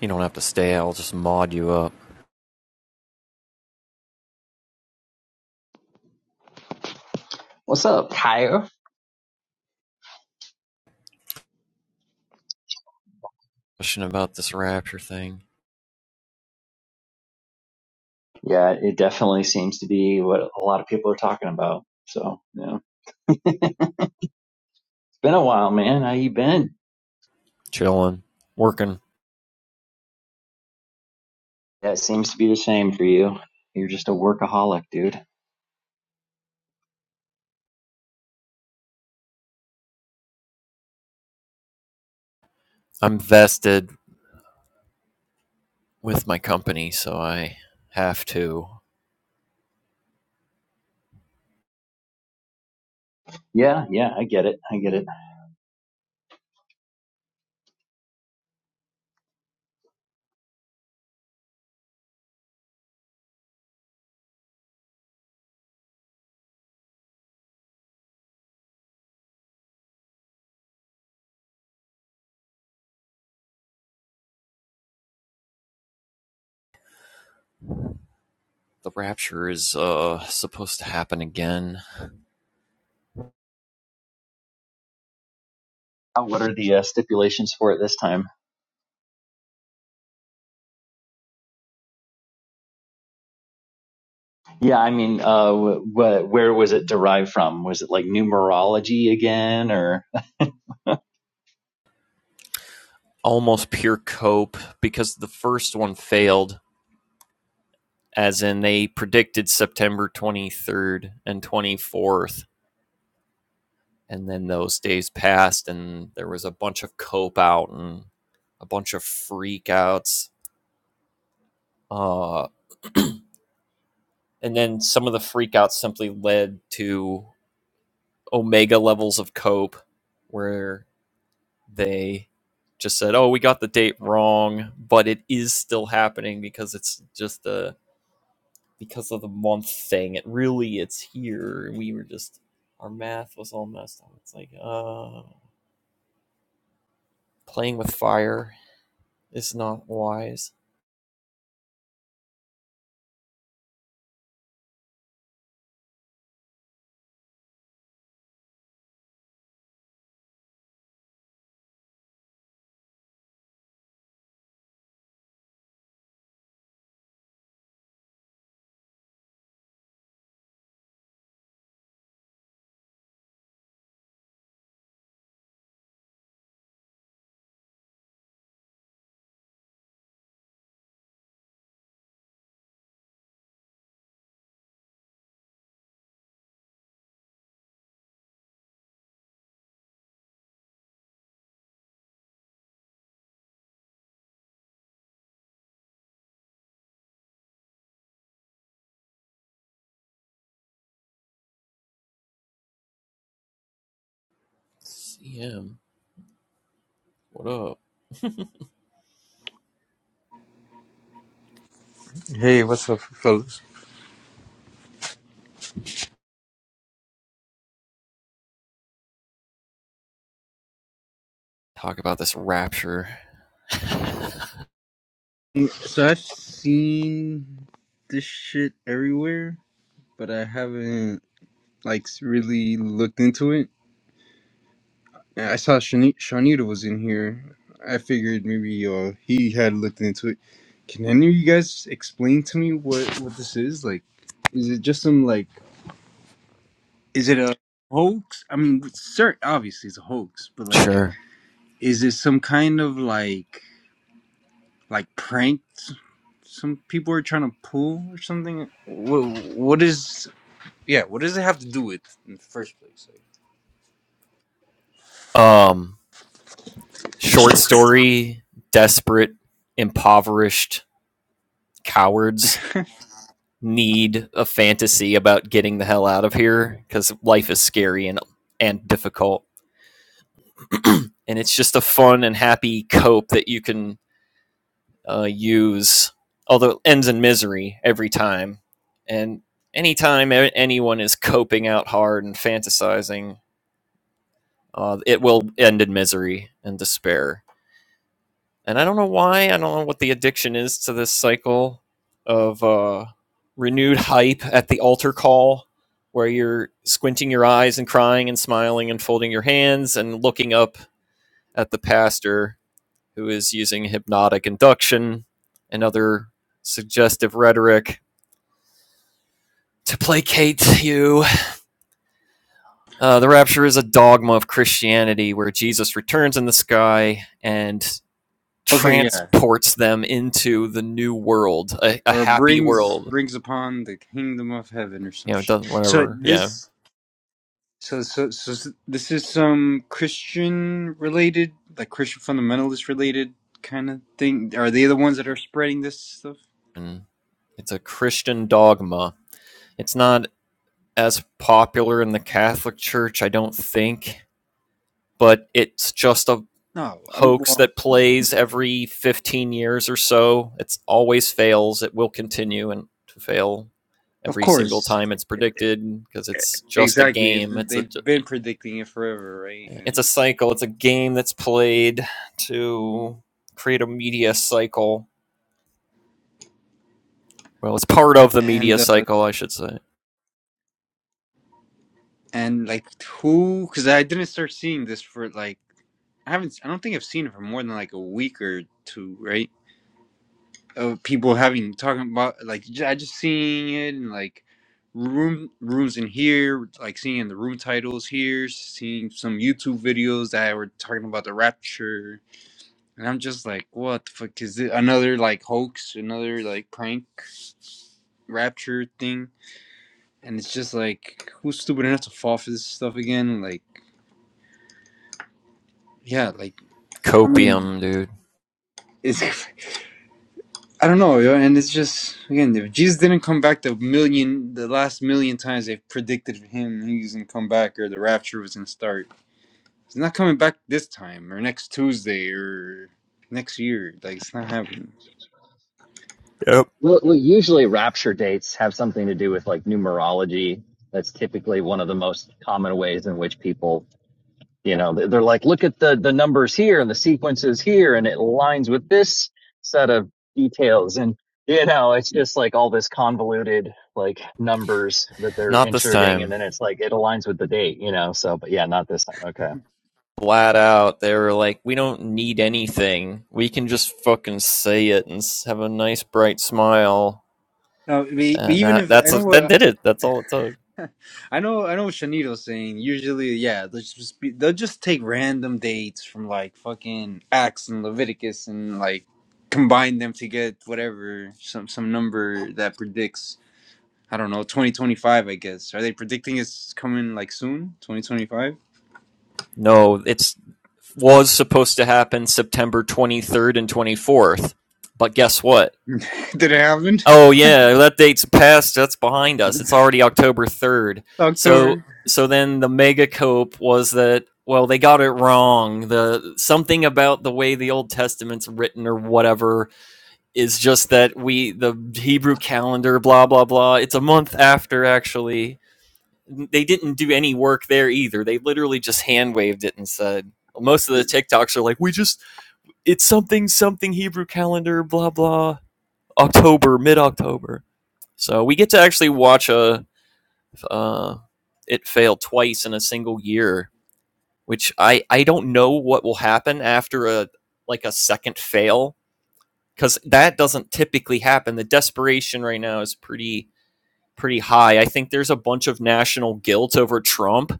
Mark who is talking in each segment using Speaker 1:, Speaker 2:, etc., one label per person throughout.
Speaker 1: You don't have to stay. I'll just mod you up.
Speaker 2: What's up, Kyle?
Speaker 1: Question about this rapture thing.
Speaker 2: Yeah, it definitely seems to be what a lot of people are talking about. So, you know, it's been a while, man. How you been?
Speaker 1: Chilling, working.
Speaker 2: That seems to be the same for you. You're just a workaholic, dude.
Speaker 1: I'm vested with my company, so I have to.
Speaker 2: Yeah, yeah, I get it. I get it.
Speaker 1: The rapture is uh supposed to happen again.
Speaker 2: Uh, What are the uh, stipulations for it this time? Yeah, I mean, uh, wh- wh- where was it derived from? Was it like numerology again, or?
Speaker 1: Almost pure cope because the first one failed, as in they predicted September 23rd and 24th, and then those days passed, and there was a bunch of cope out and a bunch of freakouts. Uh, and then some of the freakouts simply led to omega levels of cope where they just said oh we got the date wrong but it is still happening because it's just a because of the month thing it really it's here we were just our math was all messed up it's like uh playing with fire is not wise cm what up
Speaker 3: Hey, what's up, fellas?
Speaker 1: talk about this rapture
Speaker 3: So I've seen this shit everywhere, but I haven't like really looked into it. I saw Shani- Shanita was in here. I figured maybe uh, he had looked into it. Can any of you guys explain to me what what this is? Like, is it just some like, is it a hoax? I mean, sir, obviously it's a hoax, but like,
Speaker 1: Sure.
Speaker 3: is it some kind of like like prank? some people are trying to pull or something. What, what is yeah? What does it have to do with in the first place?
Speaker 1: um short story desperate impoverished cowards
Speaker 3: Like,
Speaker 1: need a fantasy about getting the hell out of here because life is scary and and difficult and it's just a fun and happy cope that you can uh, use although it ends in misery every time and anytime anyone is coping out hard and fantasizing uh, it will end in misery and despair and I don't know why. I don't know what the addiction is to this cycle of uh, renewed hype at the altar call, where you're squinting your eyes and crying and smiling and folding your hands and looking up at the pastor who is using hypnotic induction and other suggestive rhetoric to placate you. Uh, the rapture is a dogma of Christianity where Jesus returns in the sky and
Speaker 3: okay, yeah,
Speaker 1: transports them into the new world, a, a
Speaker 3: or
Speaker 1: happy
Speaker 3: brings
Speaker 1: world.
Speaker 3: brings upon the kingdom of heaven or some
Speaker 1: You know, it
Speaker 3: shit.
Speaker 1: doesn't
Speaker 3: So
Speaker 1: whatever. Yeah,
Speaker 3: this so so so s- this is some Christian related, like Christian fundamentalist related kind of thing. Are they the ones that are spreading this stuff?
Speaker 1: and it's a Christian dogma. It's not as popular in the Catholic Church, I don't think, but it's just a
Speaker 3: No, I'm
Speaker 1: hoax
Speaker 3: well.
Speaker 1: that plays every 15 years or so. It's always fails. It will continue and to fail
Speaker 3: Of
Speaker 1: every single
Speaker 3: course,
Speaker 1: time it's predicted because it's just a
Speaker 3: exactly.
Speaker 1: game. It's a
Speaker 3: They've been predicting it forever, right?
Speaker 1: It's
Speaker 3: And
Speaker 1: a cycle. It's a game that's played to create a media cycle. Well, it's part of the media
Speaker 3: and uh,
Speaker 1: cycle, I should say.
Speaker 3: And like who? Because I didn't start seeing this for like I haven't. I don't think I've seen it for more than like a week or two, right? Of people having talking about like j- I just seeing it and like room rooms in here, like seeing the room titles here, seeing some YouTube videos that were talking about the rapture, and I'm just like, what the fuck is it? Another like hoax, another like prank rapture thing, and it's just like who's stupid enough to fall for this stuff again? Like, yeah, like. I mean,
Speaker 1: Copium, dude.
Speaker 3: it's I don't know, yo, and it's just again, if Jesus didn't come back the million, the last million times they've predicted him, he's gonna come back or the rapture was gonna start. He's not coming back this time or next Tuesday or next year. Like it's not happening.
Speaker 1: Yep.
Speaker 2: Well, well, usually rapture dates have something to do with like numerology. That's typically one of the most common ways in which people you know they- are like look at the the numbers here and the sequences here and it aligns with this set of details and you know it's just like all this convoluted like numbers that they're
Speaker 1: Not this
Speaker 2: inserting and
Speaker 1: time.
Speaker 2: then it's like it aligns with the date you know so but yeah not this time okay
Speaker 1: Flat out, they were like, we don't need anything. We can just fucking say it and have a nice bright smile.
Speaker 3: No, I mean,
Speaker 1: And
Speaker 3: even
Speaker 1: that
Speaker 3: if I
Speaker 1: that's
Speaker 3: know
Speaker 1: a, that
Speaker 3: what
Speaker 1: did it. That's all it took.
Speaker 3: I know, I know what Shanito's saying. Usually, yeah, they'll just be, they'll just take random dates from like fucking Acts and Leviticus and like combine them to get whatever some some number that predicts I don't know, 2025, I guess. Are they predicting it's coming like soon? 2025?
Speaker 1: No, it was supposed to happen September 23rd and 24th. But guess what?
Speaker 3: Did it happen? It's
Speaker 1: Oh yeah, that date's past. That's behind us. It's already October third. So
Speaker 3: October.
Speaker 1: so then the mega cope was that well they got it wrong. The something about the way the Old Testament's written or whatever is just that we the Hebrew calendar blah blah blah. It's a month after actually. They didn't do any work there either. They literally just hand waved it and said most of the TikToks are like we just it's something something Hebrew calendar blah blah October mid October so we get to actually watch a uh, it fail twice in a single year, which I I don't know what will happen after a like a second fail because that doesn't typically happen. The desperation right now is pretty pretty high. I think there's a bunch of national guilt over Trump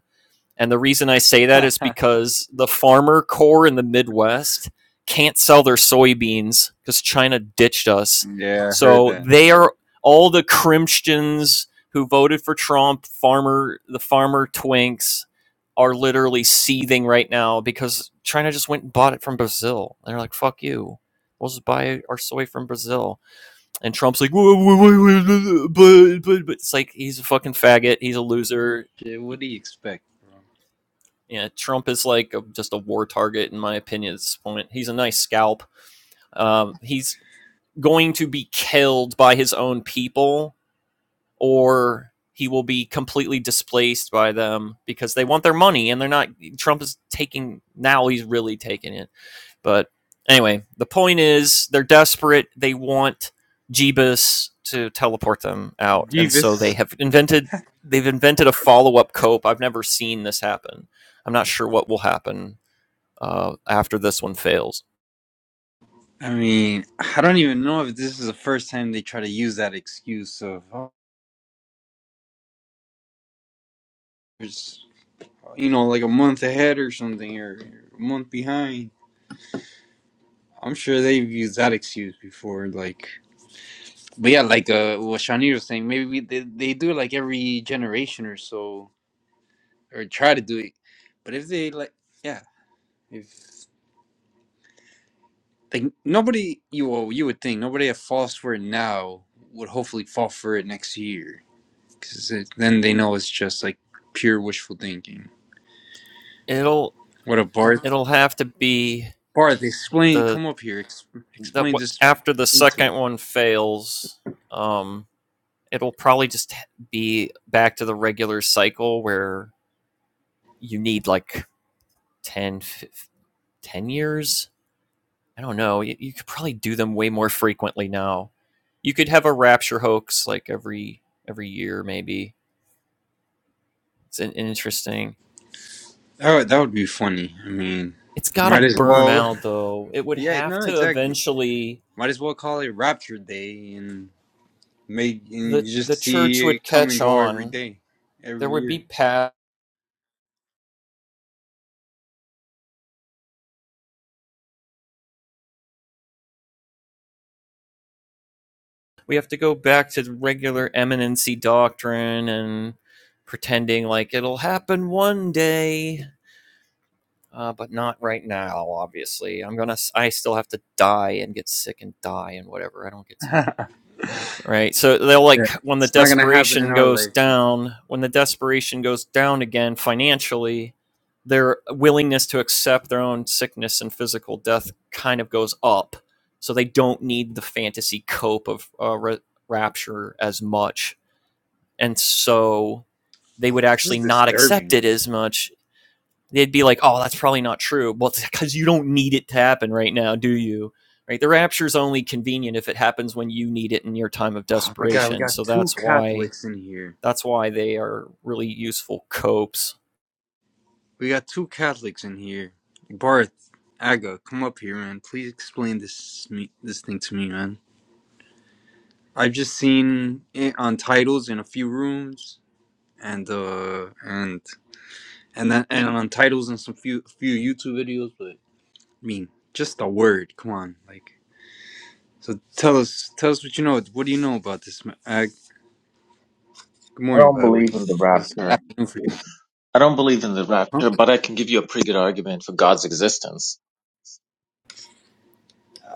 Speaker 1: and the reason I say that is because the farmer core in the Midwest can't sell their soybeans because China ditched us.
Speaker 3: yeah, I heard
Speaker 1: So
Speaker 3: that.
Speaker 1: they are all the Christians who voted for Trump, farmer the farmer twinks are literally seething right now because China just went and bought it from Brazil. They're like, "Fuck you." We'll just buy our soy from Brazil. And Trump's like, "Whoa, whoa, whoa, whoa, but, but, but. It's like, he's a fucking faggot. He's a loser
Speaker 3: Shit, what do you expect, bro?
Speaker 1: yeah, Trump is like a, just a war target in my opinion at this point. He's a nice scalp. Um, he's going to be killed by his own people, or he will be completely displaced by them because they want their money and they're not. Trump is taking now. He's really taking it. But anyway, the point is they're desperate. They want Jeebus to teleport them out, and so they
Speaker 3: Jesus.
Speaker 1: have invented. They've invented a follow up cope. I've never seen this happen. I'm not sure what will happen uh, after this one fails.
Speaker 3: I mean, I don't even know if this is the first time they try to use that excuse of, oh, there's, you know, like a month ahead or something, or a month behind. I'm sure they've used that excuse before, like, but yeah, like uh, what Shani was saying, maybe we, they, they do it like every generation or so or try to do it. But if they like, yeah, if like nobody you well, you would think nobody that falls for it now would hopefully fall for it next year because then they know it's just like pure wishful thinking.
Speaker 1: It'll
Speaker 3: What a Barth,
Speaker 1: it'll have to be
Speaker 3: Barth, explain.
Speaker 1: the
Speaker 3: Come up here, ex-
Speaker 1: that
Speaker 3: explain
Speaker 1: what
Speaker 3: this
Speaker 1: after the
Speaker 3: into it.
Speaker 1: second one fails. Um, it'll probably just be back to the regular cycle where you need like 10, fifteen, ten years. I don't know. You, you could probably do them way more frequently now. You could have a rapture hoax like every every year, maybe. It's an interesting.
Speaker 3: That would, that would be funny. I mean,
Speaker 1: It's got to
Speaker 3: might as
Speaker 1: burn
Speaker 3: well.
Speaker 1: out though. It would
Speaker 3: Yeah,
Speaker 1: have
Speaker 3: no,
Speaker 1: to
Speaker 3: exactly.
Speaker 1: eventually
Speaker 3: Might as well call it Rapture Day and make and
Speaker 1: the
Speaker 3: you just
Speaker 1: the church
Speaker 3: see
Speaker 1: would
Speaker 3: it come and
Speaker 1: catch
Speaker 3: go every
Speaker 1: on.
Speaker 3: day,
Speaker 1: There
Speaker 3: every
Speaker 1: would be
Speaker 3: year.
Speaker 1: past. We have to go back to regular eminency doctrine and pretending like it'll happen one day, uh, but not right now. Obviously, I'm gonna. s- i am going to I still have to die and get sick and die and whatever. I don't get to right so they'll like
Speaker 3: Yeah.
Speaker 1: when the
Speaker 3: It's not gonna happen in
Speaker 1: desperation
Speaker 3: our
Speaker 1: goes
Speaker 3: lifetime.
Speaker 1: down when the desperation goes down again financially their willingness to accept their own sickness and physical death kind of goes up so they don't need the fantasy cope of uh, ra- rapture as much and so they
Speaker 3: Yo,
Speaker 1: would
Speaker 3: This is
Speaker 1: actually not accept
Speaker 3: disturbing.
Speaker 1: it as much they'd be like, "Oh, that's probably not true." Well, it's because you don't need it to happen right now, do you? Right? The rapture's only convenient if it happens when you need it in your time of
Speaker 3: Oh my god, we
Speaker 1: desperation.
Speaker 3: got
Speaker 1: So
Speaker 3: two
Speaker 1: that's why
Speaker 3: Catholics in here.
Speaker 1: that's why they are really useful copes.
Speaker 3: We got two Catholics in here. Barth, Aga, come up here, man. Please explain this me this thing to me, man. I've just seen it on titles in a few rooms, and uh, and and then and on titles in some few few YouTube videos, but I mean, just a word. Come on, like. So tell us, tell us what you know. What do you know about this, man? Good
Speaker 4: I
Speaker 3: morning,
Speaker 4: don't
Speaker 3: by the way. It
Speaker 4: believe in the
Speaker 3: was
Speaker 4: rapture.
Speaker 3: afternoon for you.
Speaker 4: I don't believe in the
Speaker 3: Huh?
Speaker 4: rapture, but I can give you a pretty good argument for God's existence.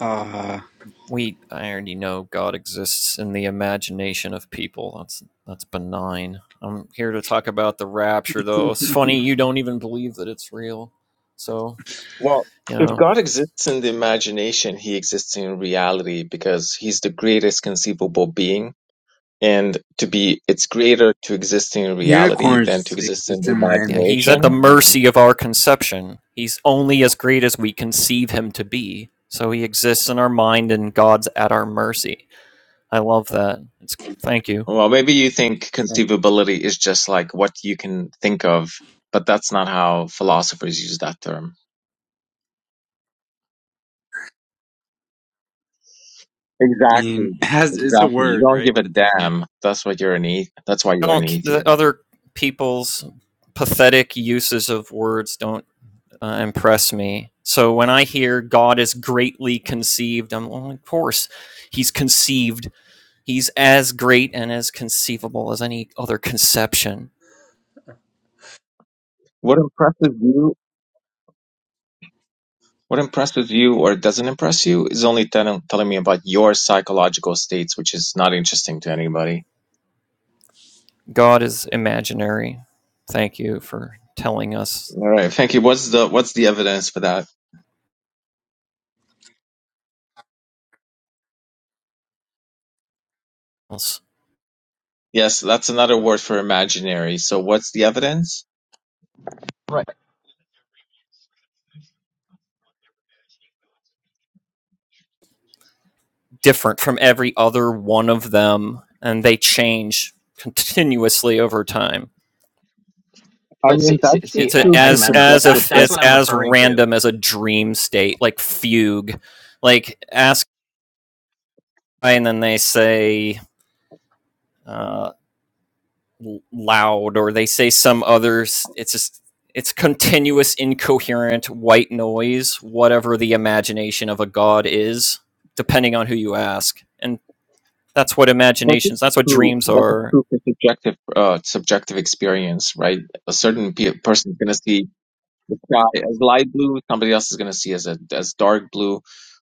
Speaker 3: Uh,
Speaker 1: We I already know God exists in the imagination of people. That's that's benign. I'm here to talk about the rapture, though. It's funny you don't even believe that it's real. So
Speaker 4: Well,
Speaker 1: you
Speaker 4: if
Speaker 1: know
Speaker 4: God exists in the imagination, he exists in reality because he's the greatest conceivable being. And to be it's greater to exist in reality than to
Speaker 3: unicorns
Speaker 4: exist in
Speaker 3: exist
Speaker 4: the
Speaker 3: in my
Speaker 1: Yeah,
Speaker 3: in
Speaker 1: he's at the
Speaker 3: my
Speaker 4: imagination.
Speaker 3: imagination.
Speaker 1: mercy of our conception. He's only as great as we conceive him to be. So he exists in our mind and God's at our mercy. I love that. It's thank you.
Speaker 4: Well, maybe you think
Speaker 3: I
Speaker 4: conceivability is just like what you can think of, but that's not how philosophers use that term. Exactly.
Speaker 3: mean, it has it's a
Speaker 4: Exactly. You
Speaker 3: word,
Speaker 4: don't
Speaker 3: right?
Speaker 4: give a
Speaker 3: With a definition.
Speaker 4: damn. That's what you're an ath- that's why you're an
Speaker 1: Don't
Speaker 4: atheist.
Speaker 1: the other people's pathetic uses of words don't uh, impress me. So when I hear God is greatly conceived, I'm well, of course he's conceived. He's as great and as conceivable as any other conception.
Speaker 4: What impresses you what impresses you or doesn't impress you is only tell- telling me about your psychological states, which is not interesting to anybody.
Speaker 1: God is imaginary. Thank you for telling us.
Speaker 4: All right, thank you. What's the what's the evidence for that?
Speaker 1: It's
Speaker 4: Yes, that's another word for imaginary. So what's the evidence?
Speaker 2: right
Speaker 1: different from every other one of them, and they change continuously over time.
Speaker 4: I
Speaker 2: but
Speaker 4: mean,
Speaker 2: see see,
Speaker 4: that's just
Speaker 2: see
Speaker 1: It's a,
Speaker 4: true for
Speaker 1: as
Speaker 2: agamemnon
Speaker 1: as
Speaker 2: that's
Speaker 1: if
Speaker 4: subjective
Speaker 2: that's
Speaker 1: it's
Speaker 2: what i'm
Speaker 1: as
Speaker 2: referring to
Speaker 1: random as a dream state, like fugue. Like ask, and then they say, uh, loud or they say some others it's just it's continuous incoherent white noise whatever the imagination of a god is depending on who you ask and that's what
Speaker 4: That
Speaker 1: imaginations
Speaker 4: is
Speaker 1: that's what
Speaker 4: true.
Speaker 1: dreams
Speaker 4: That is
Speaker 1: are
Speaker 4: true for subjective, uh, subjective experience, right? A certain pe person is going to see the sky as light blue. Somebody else is going to see as a, as dark blue.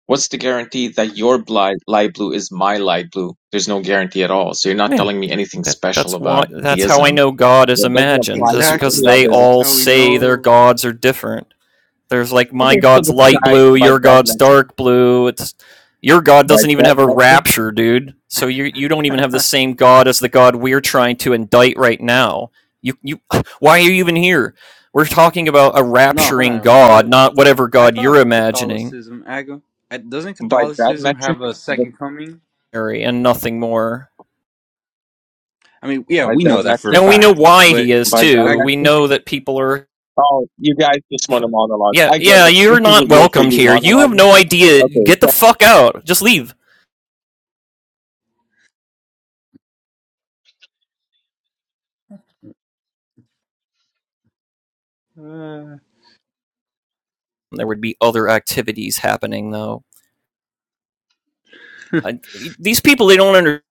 Speaker 4: What's the guarantee that your blind, light blue is my light blue? There's no guarantee at all. So you're not
Speaker 1: yeah
Speaker 4: telling me anything
Speaker 1: that
Speaker 4: special
Speaker 1: that's why
Speaker 4: about
Speaker 1: that's how i
Speaker 4: theism.
Speaker 1: know god is
Speaker 4: It doesn't
Speaker 1: imagined
Speaker 4: apply
Speaker 1: is
Speaker 4: to
Speaker 3: Exactly.
Speaker 1: because
Speaker 4: any
Speaker 1: they
Speaker 3: This
Speaker 4: other.
Speaker 3: is
Speaker 1: all
Speaker 3: how we
Speaker 1: say their
Speaker 3: know.
Speaker 1: gods are different There's like my
Speaker 4: Okay, so
Speaker 1: god's
Speaker 4: the
Speaker 1: light
Speaker 4: sky
Speaker 1: blue,
Speaker 4: by
Speaker 1: your
Speaker 4: that
Speaker 1: god's
Speaker 4: metric,
Speaker 1: dark blue. It's your god
Speaker 4: by
Speaker 1: doesn't even
Speaker 4: that
Speaker 1: have a
Speaker 4: metric,
Speaker 1: rapture, dude. So you you don't even have the same god as the god we're trying to indict right now. You you why are you even here? We're talking about a
Speaker 3: No, hold
Speaker 1: rapturing
Speaker 3: on.
Speaker 1: god,
Speaker 3: But
Speaker 1: not whatever
Speaker 3: I
Speaker 1: god you're
Speaker 3: thought
Speaker 1: imagining,
Speaker 3: Catholicism, Aga, uh, doesn't
Speaker 4: by that
Speaker 3: Catholicism
Speaker 4: metric,
Speaker 3: have a
Speaker 4: the-
Speaker 3: second coming?
Speaker 1: and nothing more.
Speaker 3: I mean, yeah,
Speaker 4: by
Speaker 3: we
Speaker 4: that
Speaker 3: know that for a
Speaker 4: metric,
Speaker 1: And we know
Speaker 3: fact.
Speaker 1: why
Speaker 3: But
Speaker 1: he is
Speaker 4: by that
Speaker 1: too.
Speaker 3: Aga,
Speaker 1: We
Speaker 4: metric.
Speaker 1: know that people are
Speaker 4: Oh, you guys just want to monologue.
Speaker 1: yeah,
Speaker 4: I get
Speaker 1: yeah,
Speaker 4: it. This
Speaker 1: you're
Speaker 4: is a
Speaker 1: not
Speaker 4: room for
Speaker 1: welcomed
Speaker 4: you
Speaker 1: here. You have
Speaker 4: monologuing.
Speaker 1: no idea.
Speaker 4: Okay,
Speaker 1: Get the fuck out. Just leave.
Speaker 3: uh,
Speaker 1: There would be other activities happening, though. I, these people they don't understand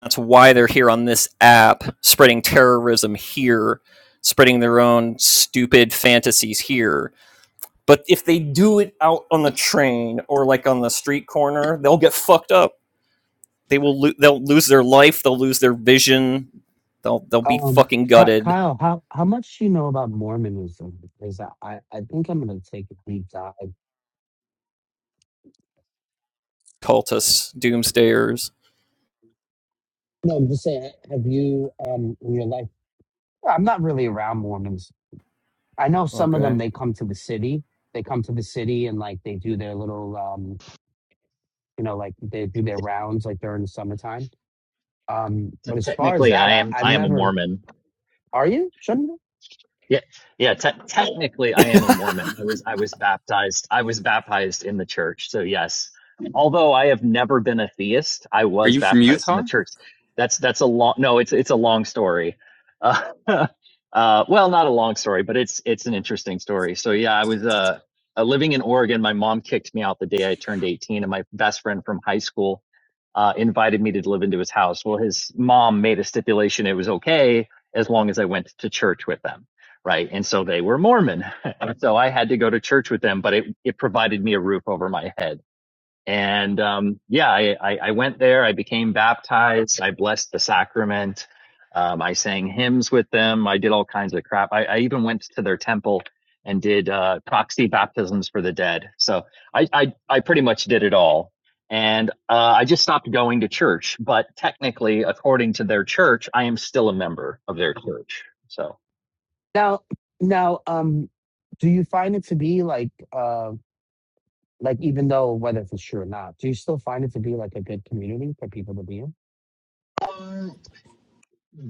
Speaker 1: that's why they're here on this app spreading terrorism here spreading their own stupid fantasies here but if they do it out on the train or like on the street corner they'll get fucked up they will lo- they'll lose their life they'll lose their vision they'll they'll be
Speaker 5: Um,
Speaker 1: fucking
Speaker 5: Ky-
Speaker 1: gutted
Speaker 5: Kyle, how how much do you know about Mormonism? Because I I I think I'm gonna take a deep dive.
Speaker 1: cultists doomsdayers
Speaker 5: No, I'm just saying. Have you um in your life? well, I'm not really around Mormons. I know some of them.
Speaker 1: okay
Speaker 5: They come to the city. They come to the city and like they do their little um you know like they do their rounds like during the summertime. Um,
Speaker 2: T-
Speaker 5: but as far as
Speaker 2: technically
Speaker 5: that,
Speaker 2: i
Speaker 5: I
Speaker 2: am
Speaker 5: I've
Speaker 2: i am a
Speaker 5: never.
Speaker 2: mormon
Speaker 5: Are you? Shouldn't you?
Speaker 2: Yeah, yeah. Te- technically, I am a Mormon. I was I was baptized. I was baptized in the church. So yes, although I have never been a theist, I
Speaker 3: are
Speaker 2: was
Speaker 3: you from
Speaker 2: baptized in
Speaker 3: Utah?
Speaker 2: the church. That's that's a long. No, it's it's a long story. Uh, uh, well, not a long story, but it's it's an interesting story. So yeah, I was uh, uh living in Oregon. My mom kicked me out the day I turned eighteen, and my best friend from high school uh, invited me to live into his house. Well, his mom made a stipulation it was okay as long as I went to church with them. Right. And so they were Mormon. and so I had to go to church with them, but it, it provided me a roof over my head. And um, yeah, I, I, I went there. I became baptized. I blessed the sacrament. Um, I sang hymns with them. I did all kinds of crap. I, I even went to their temple and did uh, proxy baptisms for the dead. So I, I, I pretty much did it all. And uh, I just stopped going to church. But technically, according to their church, I am still a member of their church. So.
Speaker 5: now now um. Do you find it to be like um Like, even though whether if it's true or not, do you still find it to be like a good community for people to be in?
Speaker 2: Um,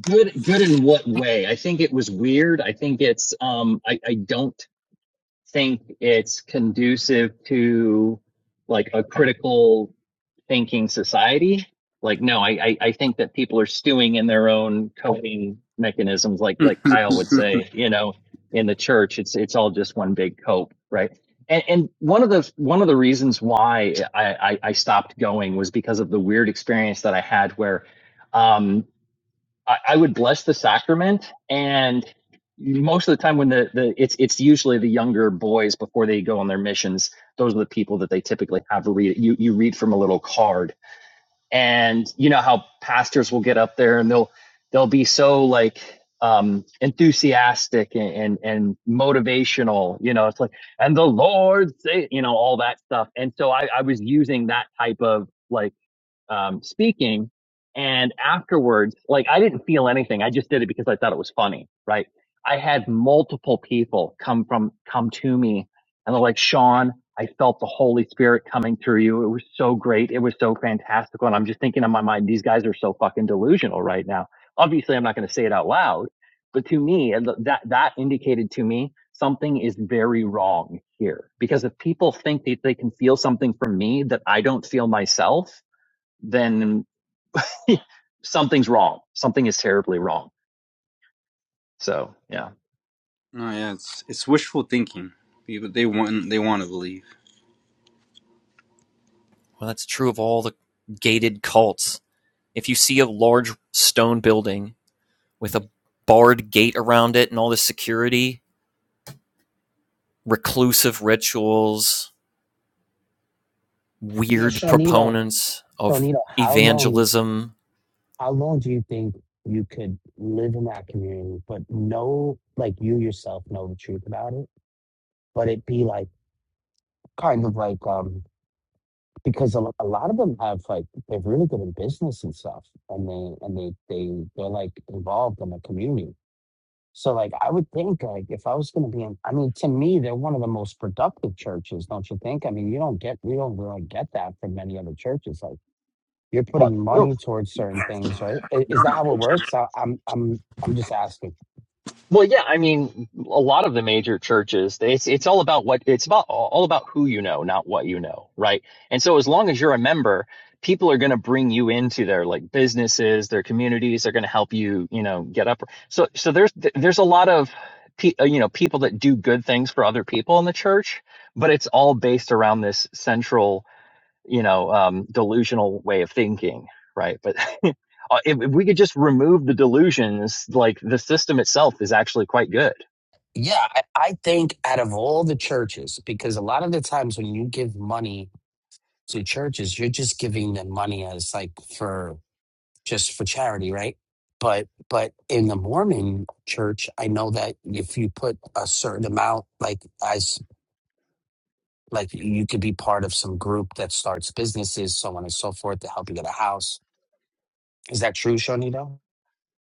Speaker 2: good good in what way i think it was weird i think it's um i i don't think it's conducive to like a critical thinking society. Like, no, I, I, I think that people are stewing in their own coping mechanisms, like
Speaker 3: no,
Speaker 2: like Kyle would say, you know, in the church, it's it's all just one big cope, right? And and one of the one of the reasons why I, I, I stopped going was because of the weird experience that I had where um, I, I would bless the sacrament and most of the time when the, the it's it's usually the younger boys before they go on their missions those are the people that they typically have read you you read from a little card and you know how pastors will get up there and they'll they'll be so like um enthusiastic and and, and motivational you know it's like and the lord say you know all that stuff and so i i was using that type of like um, speaking. And afterwards, like I didn't feel anything. I just did it because I thought it was funny, right? I had multiple people come from, come to me and they're like, Sean, I felt the Holy Spirit coming through you. It was so great. It was so fantastical. And I'm just thinking in my mind, these guys are so fucking delusional right now. Obviously, I'm not going to say it out loud, but to me, that, that indicated to me something is very wrong here because if people think that they can feel something from me that I don't feel myself, then something's wrong. Something is terribly wrong. So yeah.
Speaker 3: yeah, it's it's wishful thinking. People they want they want to believe.
Speaker 1: Well, that's true of all the gated cults. If you see a large stone building with a barred gate around it and all this security, reclusive rituals,
Speaker 5: Now,
Speaker 1: weird
Speaker 5: Shawnito,
Speaker 1: proponents of
Speaker 5: Shawnito, how long,
Speaker 1: evangelism.
Speaker 5: how long do you think you could live in that community, but know, like you yourself know the truth about it, but it be like kind of like um because a, lo- a lot of them have like they're really good in business and stuff and they and they they they're like involved in the community so like i would think like if i was going to be in i mean to me they're one of the most productive churches don't you think i mean you don't get we don't really get that from many other churches like you're
Speaker 2: Well,
Speaker 5: putting
Speaker 2: well,
Speaker 5: money towards certain things right I- is that how it works I, i'm i'm i'm just asking
Speaker 2: well, yeah. I mean, a lot of the major churches, they- it's it's all about what it's about all about who you know, not what you know, right? And so, as long as you're a member, people are going to bring you into their like businesses, their communities. They're going to help you, you know, get up. So, so there's there's a lot of pe- uh, you know people that do good things for other people in the church, but it's all based around this central you know um, delusional way of thinking right but if, if we could just remove the delusions like the system itself is actually quite good
Speaker 5: yeah I, I think out of all the churches because a lot of the times when you give money to churches, you're just giving them money as like for just for charity, right? But but in the Mormon church, I know that if you put a certain amount, like as like you could be part of some group that starts businesses, so on and so forth, to help you get a house. Is that true, Shonito?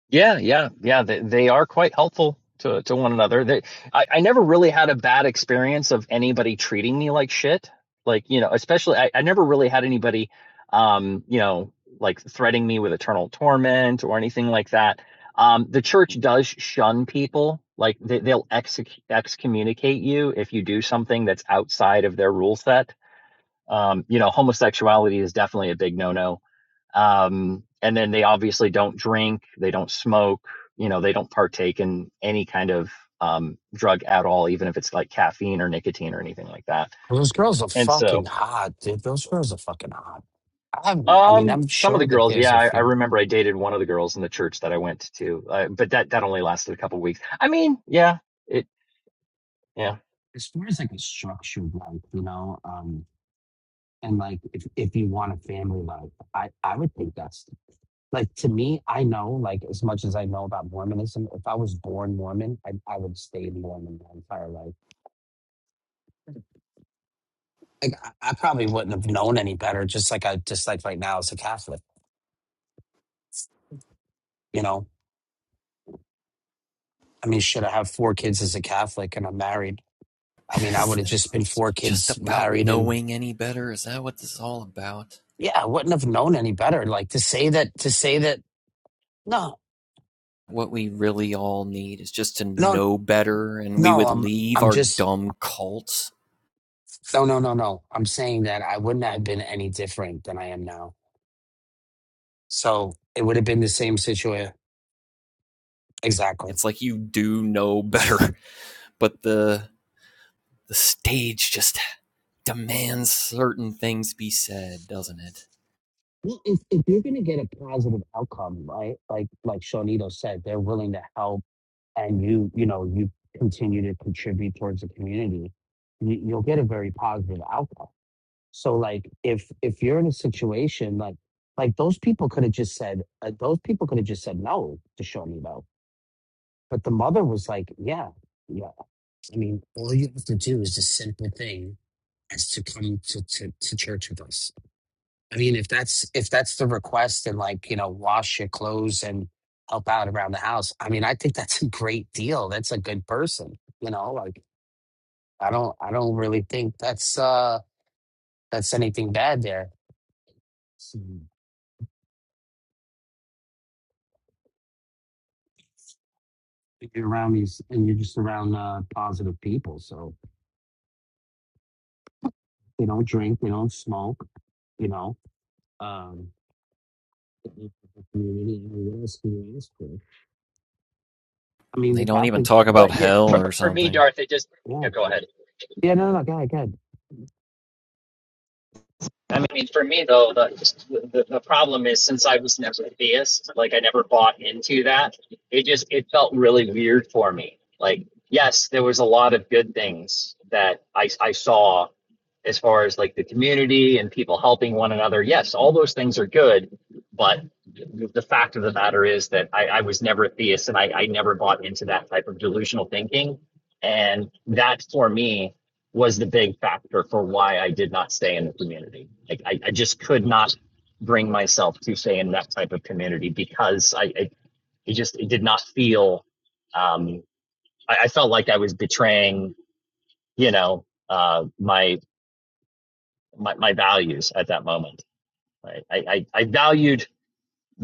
Speaker 2: Yeah, yeah, yeah. They, they are quite helpful to, to one another. They, I, I never really had a bad experience of anybody treating me like shit. Like, you know, especially I, I never really had anybody, um, you know, like threatening me with eternal torment or anything like that. Um, the church does shun people. Like they, they'll ex excommunicate you if you do something that's outside of their rule set. Um, you know, homosexuality is definitely a big no-no um, and then they obviously don't drink they don't smoke you know they don't partake in any kind of um, drug at all even if it's like caffeine or nicotine or anything like that
Speaker 5: Those girls are
Speaker 2: and so
Speaker 5: fucking hot, dude. Those girls are fucking hot. I haven't. I mean,
Speaker 2: um,
Speaker 5: I'm
Speaker 2: some of the
Speaker 5: sure that
Speaker 2: girls
Speaker 5: there's
Speaker 2: yeah
Speaker 5: a
Speaker 2: I, I
Speaker 5: few.
Speaker 2: remember i dated one of the girls in the church that i went to uh, but that that only lasted a couple of weeks i mean yeah it yeah
Speaker 5: As far as like a structured life, you know, um, and like if if you want a family life, I I would think that's Like to me, I know, like as much as I know about Mormonism, if I was born Mormon, I, I would stay Mormon my entire life. Like I, I probably wouldn't have known any better, just like I just like right now as a Catholic, you know? I mean, should I have four kids as a Catholic and I'm married? I mean, I would
Speaker 1: it's
Speaker 5: have just been four
Speaker 1: just
Speaker 5: kids
Speaker 1: about
Speaker 5: married and
Speaker 1: knowing any better. Is that what this is all about?
Speaker 5: yeah, I wouldn't have known any better. Like to say that to say that no,
Speaker 1: What we really all need is just to
Speaker 5: no,
Speaker 1: know better, and we
Speaker 5: no,
Speaker 1: would
Speaker 5: I'm
Speaker 1: leave
Speaker 5: I'm
Speaker 1: our
Speaker 5: just
Speaker 1: dumb cults.
Speaker 5: no no no no. I'm saying that I wouldn't have been any different than I am now. So it would have been the same situation Exactly.
Speaker 1: It's like you do know better, but the the stage just demands certain things be said, doesn't it?
Speaker 5: Well, if, if you're going to get a positive outcome, right? Like like Shawnito said, they're willing to help, and you you know you continue to contribute towards the community, you, you'll get a very positive outcome. So like if if you're in a situation like like those people could have just said uh, those people could have just said no to Shawnito, but the mother was like, yeah, yeah. I mean, all you have to do is a simple thing as to come to to, to church with us I mean, if that's if that's the request and like, you know, wash your clothes and help out around the house, I mean, I think that's a great deal. That's a good person, you know, like I don't I don't really think that's uh that's anything bad there. So, if you're around these and you're just around uh positive people. So they don't drink, they don't smoke, you know. Um community, what else can you ask for? I mean
Speaker 1: They
Speaker 5: the
Speaker 1: don't even
Speaker 5: Catholic
Speaker 1: talk about
Speaker 2: but yeah
Speaker 1: hell
Speaker 2: for,
Speaker 1: or
Speaker 2: for me
Speaker 1: something.
Speaker 2: darth it just
Speaker 5: yeah.
Speaker 2: yeah go ahead
Speaker 5: Yeah, no, no, go ahead, go ahead.
Speaker 2: I mean, for me though, the, the the problem is since I was never a theist, like I never bought into that. It just it felt really weird for me. Like, yes, there was a lot of good things that I I saw as far as like the community and people helping one another. Yes, all those things are good, but the fact of the matter is that I, I was never a theist and I, I never bought into that type of delusional thinking. And that for me was the big factor for why I did not stay in the community. Like I, I just could not bring myself to stay in that type of community because I, I it just it did not feel um, I, I felt like I was betraying you know uh, my, my my values at that moment. Right? I, I I valued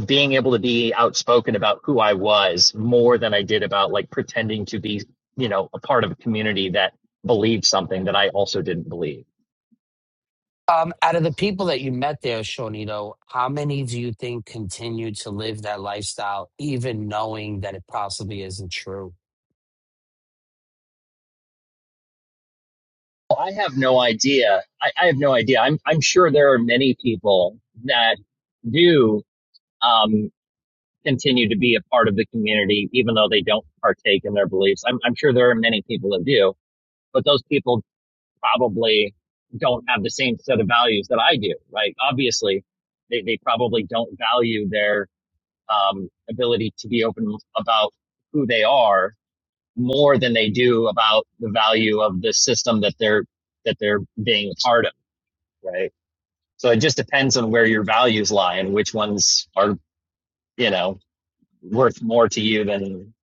Speaker 2: being able to be outspoken about who I was more than I did about like pretending to be you know a part of a community that believed something that I also didn't believe
Speaker 5: Um, out of the people that you met there, Shawnito, how many do you think continue to live that lifestyle, even knowing that it possibly isn't true?
Speaker 2: Well, I have no idea. I, I have no idea. I'm I'm sure there are many people that do um, continue to be a part of the community, even though they don't partake in their beliefs. I'm I'm sure there are many people that do, but those people probably don't have the same set of values that I do, right? Obviously, they they probably don't value their um, ability to be open about who they are more than they do about the value of the system that they're that they're being a part of right? So it just depends on where your values lie and which ones are, you know, worth more to you than,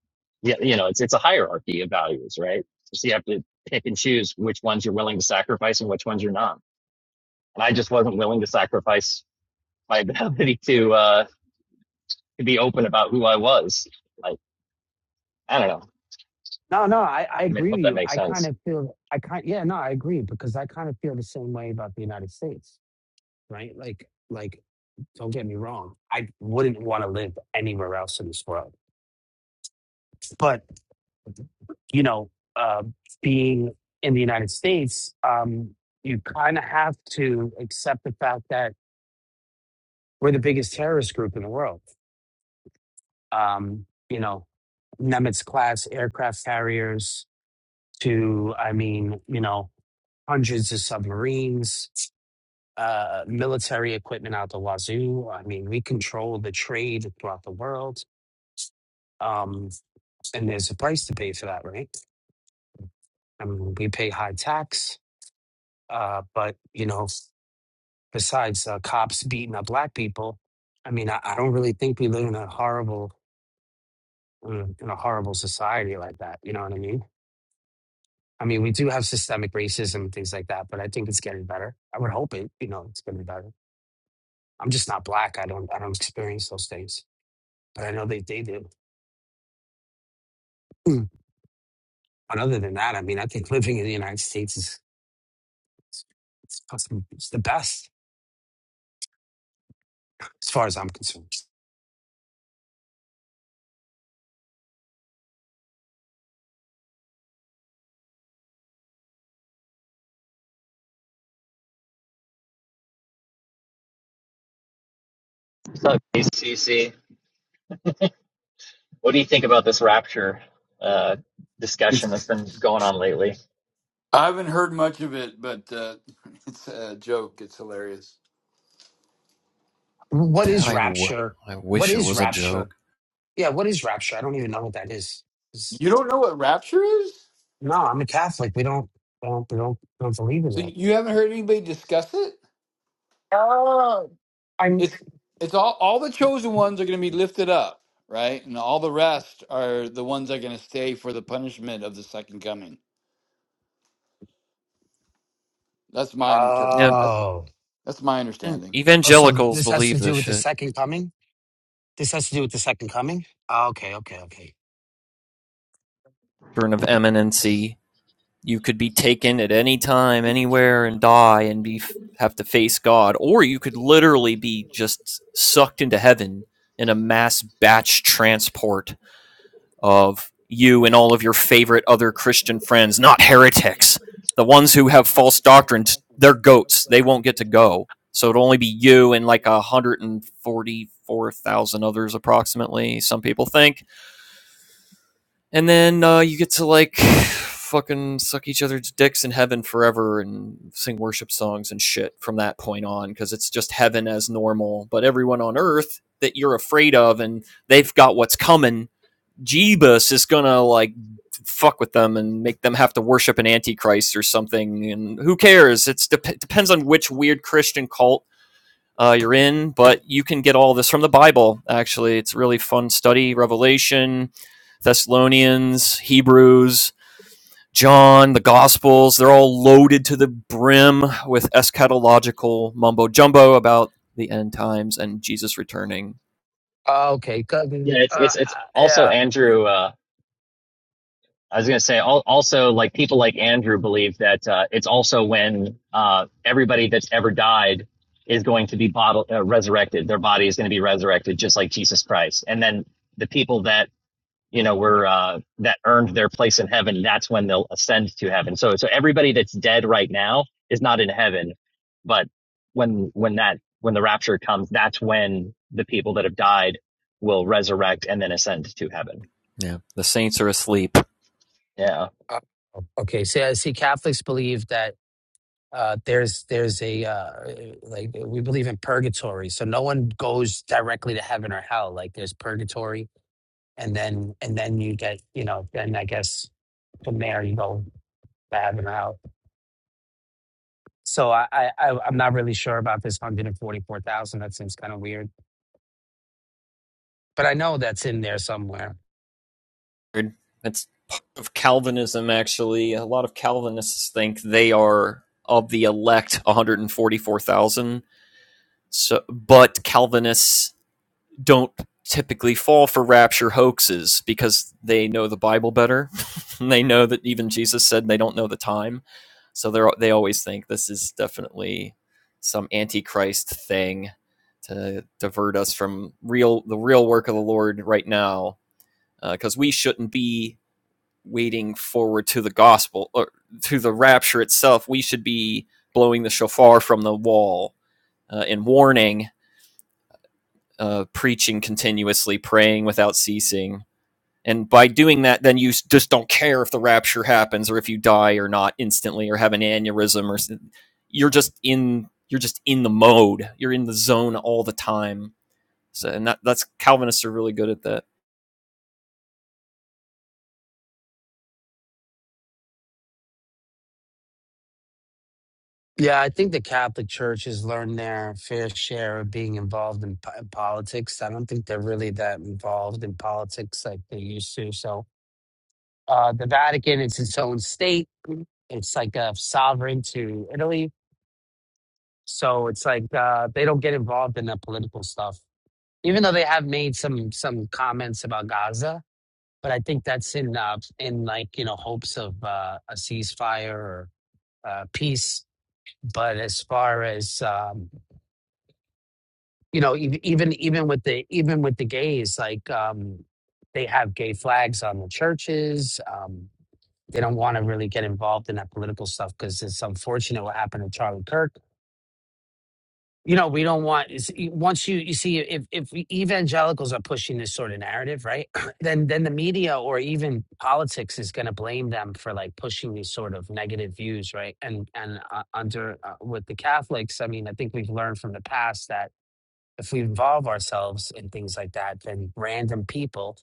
Speaker 2: yeah, you know, it's it's a hierarchy of values, right? So you have to pick and choose which ones you're willing to sacrifice and which ones you're not. And I just wasn't willing to sacrifice my ability to uh, to be open about who I was. Like I don't know.
Speaker 5: No, no, I, I
Speaker 2: I mean, I
Speaker 5: agree
Speaker 2: hope
Speaker 5: with
Speaker 2: that
Speaker 5: you.
Speaker 2: makes
Speaker 5: I kind
Speaker 2: sense.
Speaker 5: of feel, I kind, yeah, no, I agree because I kind of feel the same way about the United States, right? Like, like, don't get me wrong, I wouldn't want to live anywhere else in this world, but you know, uh, being in the United States, um, you kind of have to accept the fact that we're the biggest terrorist group in the world um, you know, Nemitz class aircraft carriers to, I mean, you know, hundreds of submarines, uh, military equipment out the wazoo. I mean, we control the trade throughout the world. Um, and there's a price to pay for that, right? I mean, we pay high tax. Uh, but, you know, besides uh, cops beating up black people, I mean, I, I don't really think we live in a horrible, mm, in a horrible society like that. You know what I mean? I mean, we do have systemic racism and things like that, but I think it's getting better. I would hope it, you know, it's getting better. I'm just not black. I don't, I don't experience those things, but I know they, they do. Mm. But other than that, I mean, I think living in the United States is, it's, it's, awesome. It's the best as far as I'm concerned.
Speaker 2: So, CC, what do you think about this rapture uh, discussion that's been going on lately?
Speaker 6: I haven't heard much of it, but uh, it's a joke. It's hilarious.
Speaker 5: What is
Speaker 1: I, w-
Speaker 5: rapture?
Speaker 1: I
Speaker 5: What
Speaker 1: wish it
Speaker 5: is
Speaker 1: was a
Speaker 5: rapture?
Speaker 1: joke.
Speaker 5: Yeah, what is rapture? I don't even know what that is. It's-
Speaker 6: You don't know what rapture is?
Speaker 5: no, I'm a Catholic. We don't, we don't, we don't, we don't believe in
Speaker 6: So
Speaker 5: that.
Speaker 6: you haven't heard anybody discuss it?
Speaker 5: Oh, I'm.
Speaker 6: It's it's all all the chosen ones are going to be lifted up, right? And all the rest are the ones that are going to stay for the punishment of the second coming. That's my interpret.
Speaker 1: Yep.
Speaker 6: That's
Speaker 5: Oh.
Speaker 6: that's my
Speaker 1: And
Speaker 6: understanding.
Speaker 5: Oh, so
Speaker 1: evangelicals
Speaker 5: this has
Speaker 1: believe
Speaker 5: to do
Speaker 1: this
Speaker 5: with the
Speaker 1: shit.
Speaker 5: second coming? This has to do with the second coming? Oh, okay, okay, okay.
Speaker 1: Children of eminency. You could be taken at any time, anywhere, and die and be have to face God, or you could literally be just sucked into heaven in a mass batch transport. of you and all of your favorite other Christian friends, not heretics, the ones who have false doctrines, they're goats. They won't get to go. So it'll only be you and like 144,000 others, approximately, some people think. And then uh, you get to like fucking suck each other's dicks in heaven forever and sing worship songs and shit from that point on because it's just heaven as normal. But everyone on earth that you're afraid of and they've got what's coming Jeebus is gonna like fuck with them and make them have to worship an antichrist or something. And who cares? It's dep depends on which weird Christian cult uh, you're in, but you can get all this from the Bible. Actually, it's a really fun study. Revelation, Thessalonians, Hebrews, John, the Gospels—they're all loaded to the brim with eschatological mumbo jumbo about the end times and Jesus returning.
Speaker 5: Oh, okay, 'cause,
Speaker 2: Yeah,
Speaker 5: uh,
Speaker 2: it's
Speaker 5: uh,
Speaker 2: it's it's also
Speaker 5: yeah.
Speaker 2: Andrew. Uh, I was going to say also like people like Andrew believe that uh, it's also when uh, everybody that's ever died is going to be bottled, uh, resurrected. Their body is going to be resurrected, just like Jesus Christ. And then the people that you know were uh, that earned their place in heaven, that's when they'll ascend to heaven. So so everybody that's dead right now is not in heaven, but when when that when the rapture comes, that's when the people that have died will resurrect and then ascend to heaven.
Speaker 1: Yeah. the saints are asleep.
Speaker 2: Yeah.
Speaker 5: Uh, Okay, so I see Catholics believe that uh, there's there's a uh, like we believe in purgatory, so no one goes directly to heaven or hell. Like there's purgatory, and then and then you get you know then I guess from there you go to heaven or hell. So I, I I- I'm not really sure about this 144,000. That seems kind of weird, but I know that's in there somewhere.
Speaker 1: It's of Calvinism, actually, a lot of Calvinists think they are of the elect 144,000. So, but Calvinists don't typically fall for rapture hoaxes because they know the Bible better. they know that even Jesus said they don't know the time. So they they always think this is definitely some antichrist thing to divert us from real the real work of the Lord right now because uh, we shouldn't be waiting forward to the gospel or to the rapture itself. We should be blowing the shofar from the wall uh, and warning, uh, preaching continuously, praying without ceasing. And by doing that, then you just don't care if the rapture happens or if you die or not instantly or have an aneurysm or you're just in you're just in the mode. You're in the zone all the time. So and that, that's Calvinists are really good at that.
Speaker 5: Yeah, I think the Catholic Church has learned their fair share of being involved in po- politics. I don't think they're really that involved in politics like they used to. So, uh, the Vatican is its own state. It's like a sovereign to Italy. So it's like uh, they don't get involved in the political stuff, even though they have made some some comments about Gaza. But I think that's in uh, in like you know hopes of uh, a ceasefire or uh, peace. But as far as um, you know ev- even even with the even with the gays like um they have gay flags on the churches um they don't want to really get involved in that political stuff because it's unfortunate what happened to charlie kirk you know we don't want is once you you see if if evangelicals are pushing this sort of narrative right then then the media or even politics is going to blame them for like pushing these sort of negative views right and and uh, under uh, with the catholics i mean i think we've learned from the past that if we involve ourselves in things like that, then random people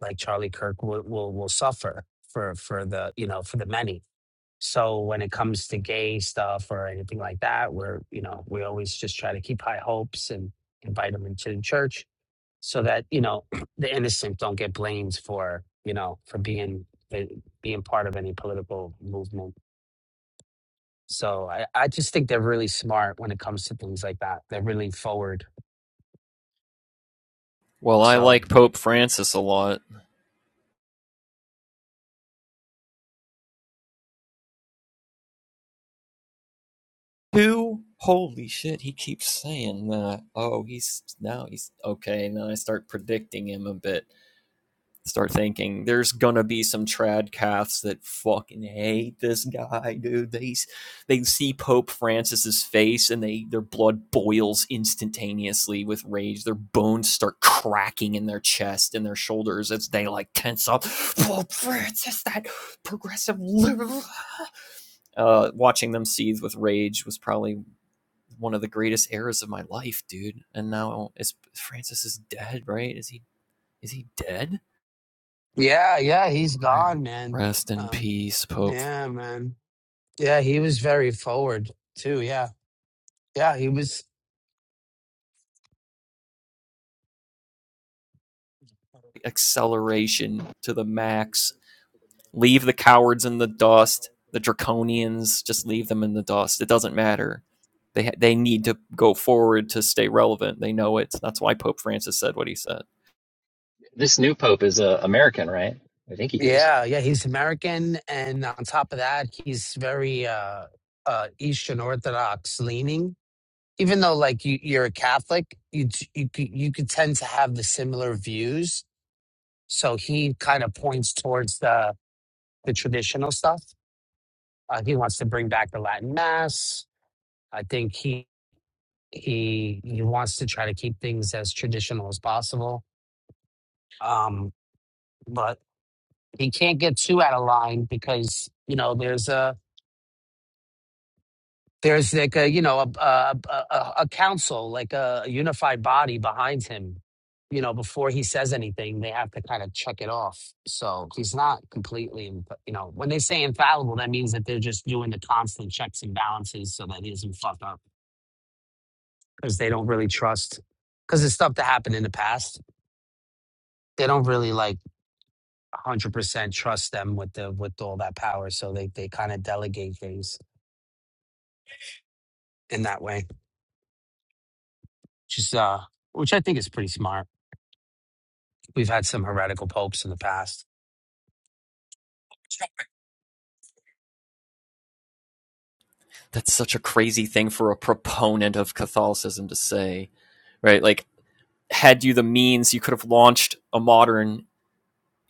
Speaker 5: like Charlie Kirk will will, will suffer for for the you know for the many. So when it comes to gay stuff or anything like that, we're you know we always just try to keep high hopes and invite them into the church so that you know the innocent don't get blamed for you know for being eh, being part of any political movement. So I, I just think they're really smart when it comes to things like that. They're really forward.
Speaker 1: Well, I
Speaker 5: So.
Speaker 1: like Pope Francis a lot. Two? Holy shit, he keeps saying that. Oh, he's now he's okay. And then I start predicting him a bit. Start thinking there's gonna be some trad calves that fucking hate this guy, dude. They they see Pope Francis's face and they their blood boils instantaneously with rage. Their bones start cracking in their chest and their shoulders as they like tense up. Pope Francis, that progressive liberal. Uh, watching them seethe with rage was probably one of the greatest eras of my life, dude. And now is Francis is dead, right? Is he is he dead?
Speaker 5: Yeah, yeah, he's gone, man.
Speaker 1: Rest in
Speaker 5: Um,
Speaker 1: peace, Pope.
Speaker 5: yeah, man. Yeah, he was very forward too. Yeah, yeah, he was.
Speaker 1: Acceleration to the max. Leave the cowards in the dust. The draconians, just leave them in the dust. It doesn't matter. They ha- they need to go forward to stay relevant. They know it. That's why Pope Francis said what he said.
Speaker 2: This new pope is uh, American, right? I think he is.
Speaker 5: Yeah, yeah, he's American, and on top of that, he's very uh, uh, Eastern Orthodox leaning. Even though, like, you, you're a Catholic, you t- you c- you could tend to have the similar views. So he kind of points towards the the traditional stuff. Uh, he wants to bring back the Latin Mass. I think he He he wants to try to keep things as traditional as possible, um, but he can't get too out of line because you know there's a there's like a you know a a, a, a council like a unified body behind him. You know, before he says anything, they have to kind of check it off. So he's not completely, inf- you know, when they say infallible, that means that they're just doing the constant checks and balances so that he doesn't fuck up because they don't really trust because it's stuff that happened in the past. They don't really like 100% trust them with the with all that power so they they kind of delegate things in that way which is uh which i think is pretty smart we've had some heretical popes in the past
Speaker 1: That's such a crazy thing for a proponent of Catholicism to say, right? Like had you the means, you could have launched a modern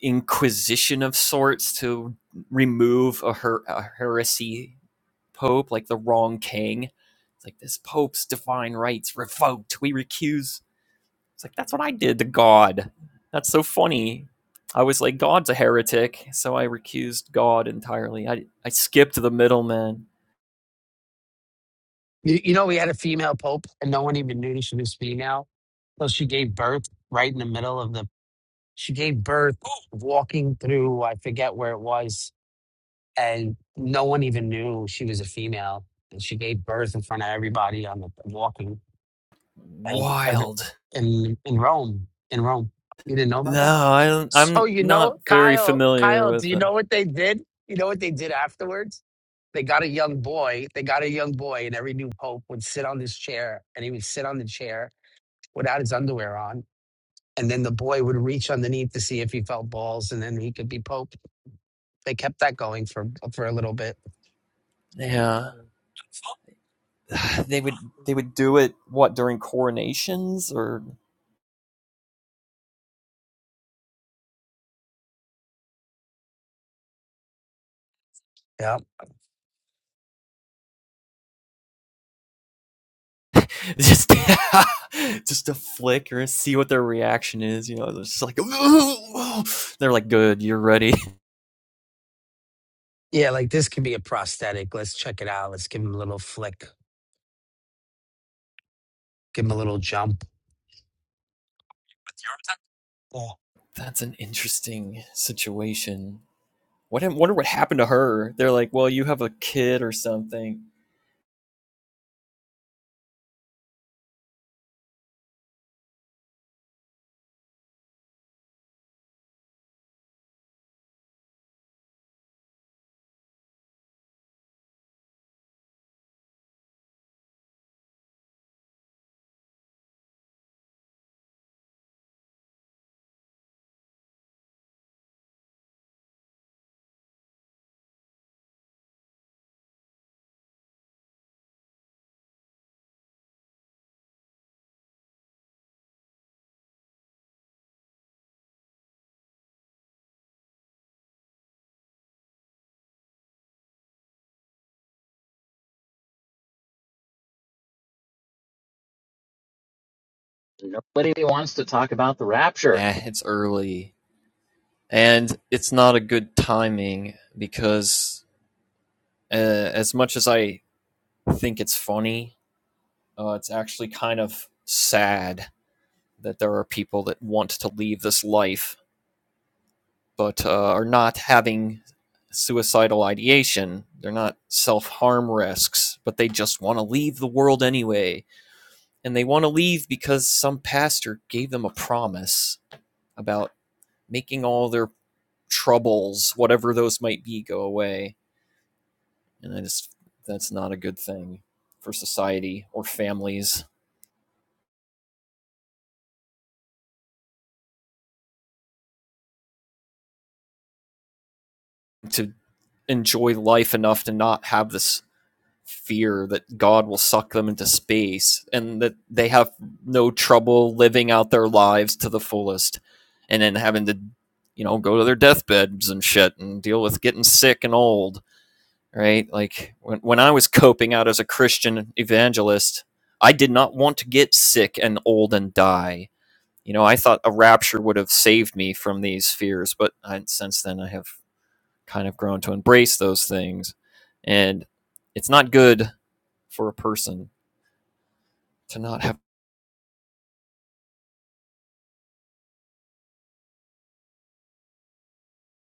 Speaker 1: inquisition of sorts to remove a, her- a heresy pope, like the wrong king. It's like this pope's divine rights revoked. We recuse. It's like that's what I did to God. That's so funny. I was like God's a heretic, so I recused God entirely. I I skipped the middleman.
Speaker 5: you, you know we had a female pope and no one even knew she was female so she gave birth right in the middle of the she gave birth walking through i forget where it was and no one even knew she was a female and she gave birth in front of everybody on the walking and every
Speaker 1: Wild.
Speaker 5: in in rome in rome you didn't know about
Speaker 1: No,
Speaker 5: that
Speaker 1: I don't,
Speaker 5: So
Speaker 1: I'm
Speaker 5: you
Speaker 1: not
Speaker 5: know,
Speaker 1: very
Speaker 5: Kyle,
Speaker 1: familiar
Speaker 5: Kyle, do
Speaker 1: with
Speaker 5: you
Speaker 1: it.
Speaker 5: know what they did? You know what they did afterwards? They got a young boy. They got a young boy, and every new pope would sit on this chair, and he would sit on the chair without his underwear on, and then the boy would reach underneath to see if he felt balls, and then he could be pope. They kept that going for for a little bit.
Speaker 1: Yeah. they would they would do it what during coronations or
Speaker 5: Yeah,
Speaker 1: just just a flicker and see what their reaction is you know they're just like oh, oh. they're like good you're ready
Speaker 5: yeah, like this could be a prosthetic. Let's check it out. Let's give him a little flick. Give him a little jump.
Speaker 1: that's an interesting situation what hap- wonder what happened to her they're like well you have a kid or something
Speaker 2: Nobody wants to talk about the rapture.
Speaker 1: eh, it's early and it's not a good timing because uh, as much as i think it's funny uh, it's actually kind of sad that there are people that want to leave this life but uh, are not having suicidal ideation. They're not self harm risks, but they just want to leave the world anyway. And they want to leave because some pastor gave them a promise about making all their troubles, whatever those might be, go away. And I just, that's not a good thing for society or families. to enjoy life enough to not have this fear that God will suck them into space and that they have no trouble living out their lives to the fullest and then having to, you know, go to their deathbeds and shit and deal with getting sick and old, right? Like when, when I was coping out as a Christian evangelist, I did not want to get sick and old and die. You know, I thought a rapture would have saved me from these fears, but I, since then I have kind of grown to embrace those things. And it's not good for a person to not have.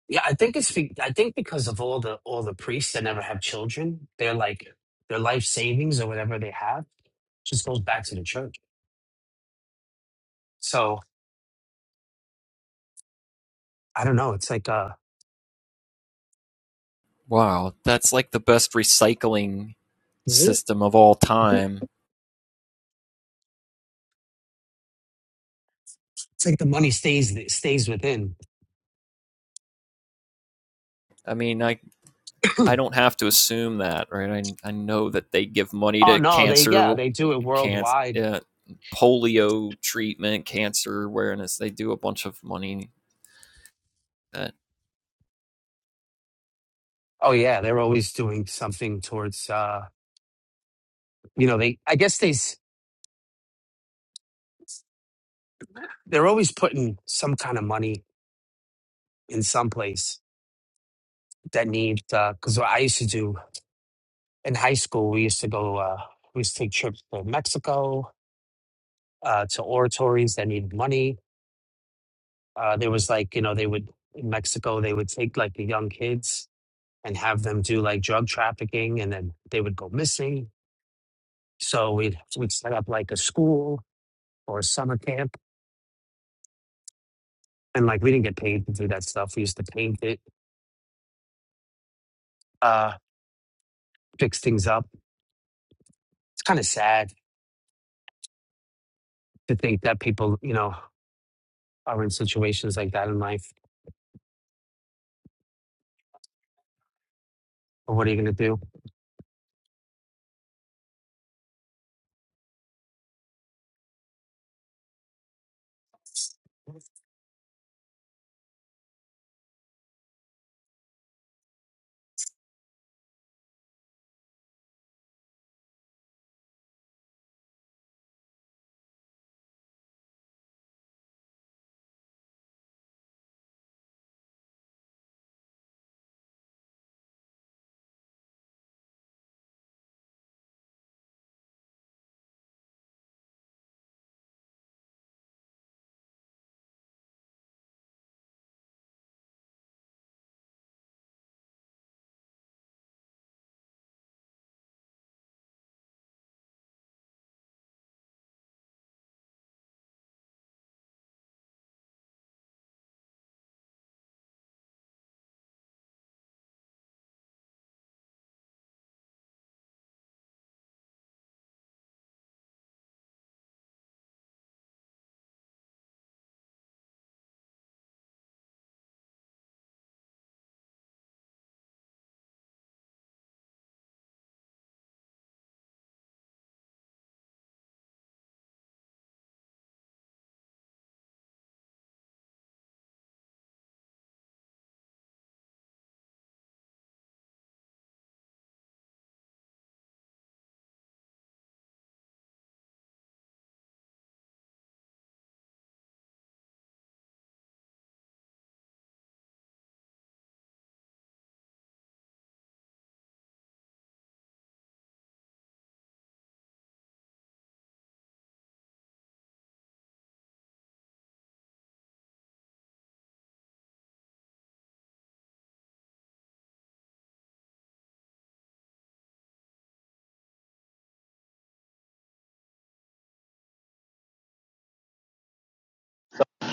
Speaker 5: Yeah, I think it's be- I think because of all the all the priests that never have children, they're like their life savings or whatever they have just goes back to the church. So I don't know. It's like uh
Speaker 1: Wow, that's like the best recycling
Speaker 5: right.
Speaker 1: system of all time.
Speaker 5: It's like the money stays stays within.
Speaker 1: I mean, I I don't have to assume that, right? I I know that they give money
Speaker 5: Oh
Speaker 1: to
Speaker 5: no, they yeah
Speaker 1: cancer
Speaker 5: they do it
Speaker 1: cancer
Speaker 5: worldwide.
Speaker 1: uh, polio treatment, cancer awareness. They do a bunch of money that
Speaker 5: Oh yeah, they're always doing something towards uh you know they I guess they s- they're always putting some kind of money in some place that needs because what I used to do in high school we used to go uh we used to take trips to Mexico uh, to oratories that needed money. Uh, there was like, you know, they would in Mexico, they would take like the young kids and have them do like drug trafficking and then they would go missing. So we'd, we'd set up like a school or a summer camp. And like we didn't get paid to do that stuff. We used to paint it, uh, fix things up. It's kind of sad to think that people, you know, are in situations like that in life. But what are you going to do?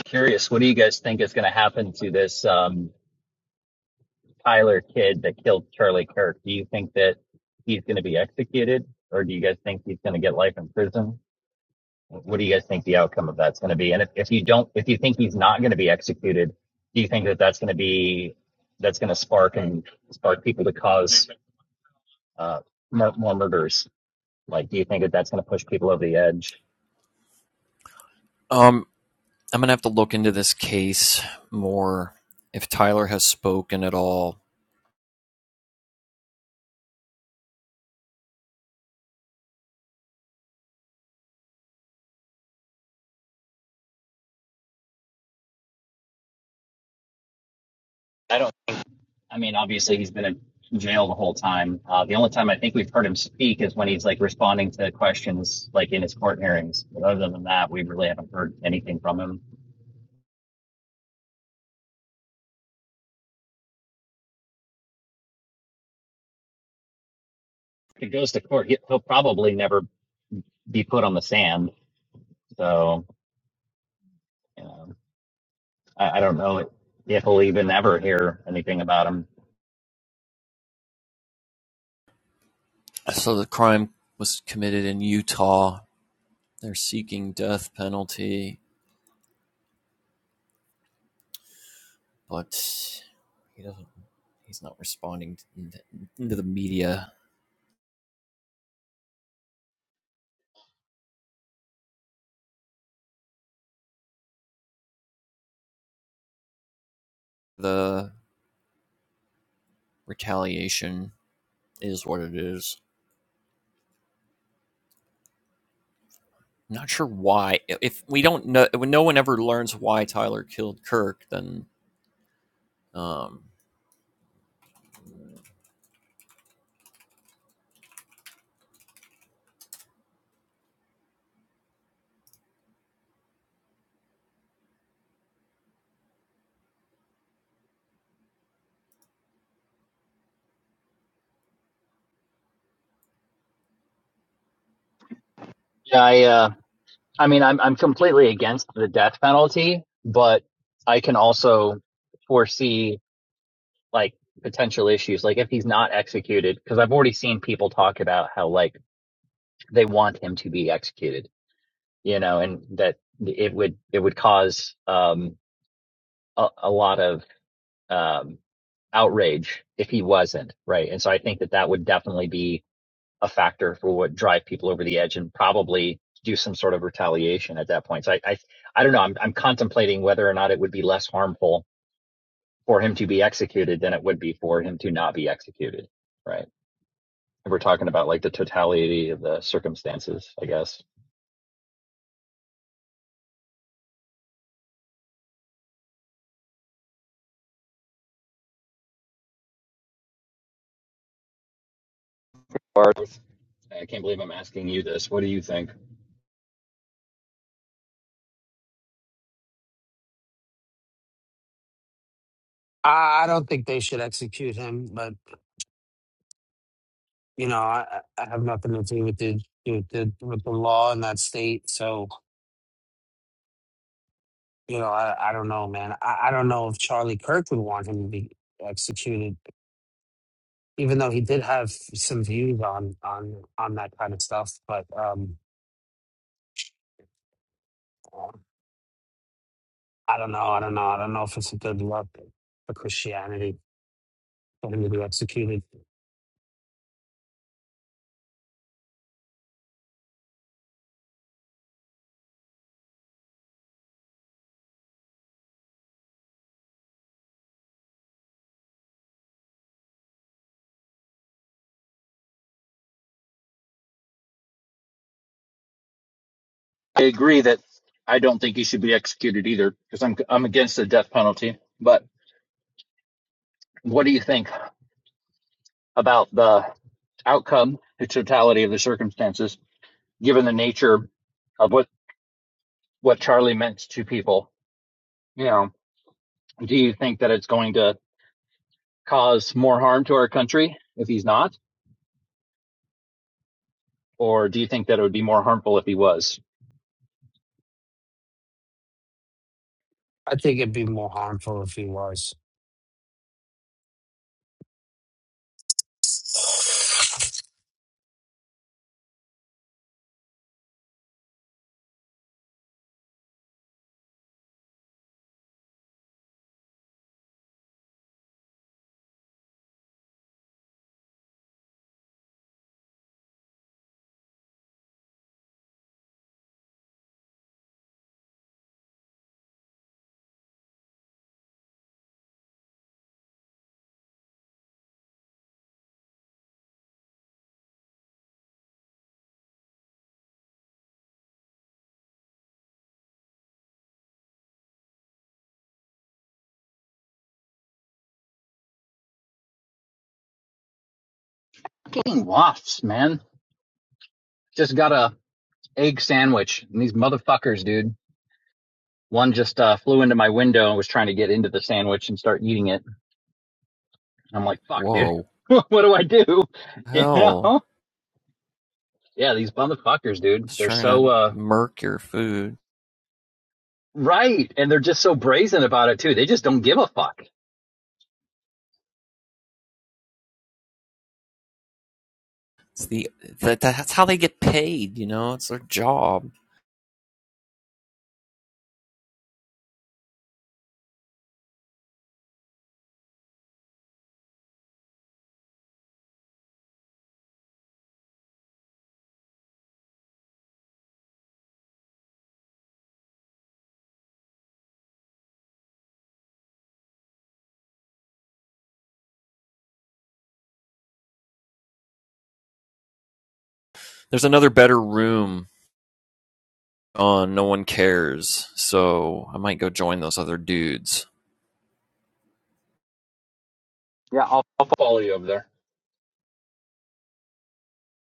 Speaker 2: Curious, what do you guys think is going to happen to this um, Tyler kid that killed Charlie Kirk? Do you think that he's going to be executed, or do you guys think he's going to get life in prison? What do you guys think the outcome of that's going to be? And if, if you don't, if you think he's not going to be executed, do you think that that's going to be that's going to spark and spark people to cause uh, more, more murders? Like, do you think that that's going to push people over the edge?
Speaker 1: um I'm going to have to look into this case more if Tyler has spoken at all
Speaker 2: I don't. I mean, obviously he's been in jail the whole time. Uh, the only time I think we've heard him speak is when he's like responding to questions like in his court hearings. But other than that, we really haven't heard anything from him. If he goes to court, he- will probably never be put on the sand. So you know, I, I don't know if we'll even ever hear anything about him.
Speaker 1: So the crime was committed in Utah. They're seeking death penalty, but he doesn't. He's not responding to the media. The retaliation is what it is. I'm Not sure why. If we don't know, when no one ever learns why Tyler killed Kirk, then um,
Speaker 2: Yeah, I, uh, I mean, I'm I'm completely against the death penalty, but I can also foresee like potential issues like if he's not executed because i've already seen people talk about how like they want him to be executed you know and that it would it would cause um a, a lot of um outrage if he wasn't right and so i think that that would definitely be a factor for what drive people over the edge and probably do some sort of retaliation at that point so i i, I don't know I'm, I'm contemplating whether or not it would be less harmful for him to be executed than it would be for him to not be executed right we're talking about like the totality of the circumstances, I guess. Barth, I can't believe I'm asking you this. What do you think?
Speaker 5: I I don't think they should execute him, but you know, I, I have nothing to do with the with the with the law in that state. So, you know, I, I don't know, man. I, I don't know if Charlie Kirk would want him to be executed, even though he did have some views on on on that kind of stuff. But um, I don't know. I don't know. I don't know if it's a good look for Christianity for him to be executed.
Speaker 2: I agree that I don't think he should be executed either because I'm I'm against the death penalty. But what do you think about the outcome, the totality of the circumstances, given the nature of what what Charlie meant to people? You know, do you think that it's going to cause more harm to our country if he's not, or do you think that it would be more harmful if he was?
Speaker 5: I think it'd be more harmful if he was.
Speaker 2: Fucking wafts, man. Just got a egg sandwich, and these motherfuckers, dude. One just uh, flew into my window and was trying to get into the sandwich and start eating it. And I'm like, fuck, dude.
Speaker 1: whoa,
Speaker 2: what do I do? You
Speaker 1: hell,
Speaker 2: know? Yeah, these motherfuckers, dude.
Speaker 1: it's
Speaker 2: They're
Speaker 1: trying
Speaker 2: so
Speaker 1: to
Speaker 2: uh
Speaker 1: murk your food.
Speaker 2: right, and they're just so brazen about it too. They just don't give a fuck.
Speaker 1: It's the that, that's how they get paid. You know, it's their job. There's another better room on, no one cares, so I might go join those other dudes.
Speaker 2: Yeah, I'll, I'll follow you over there.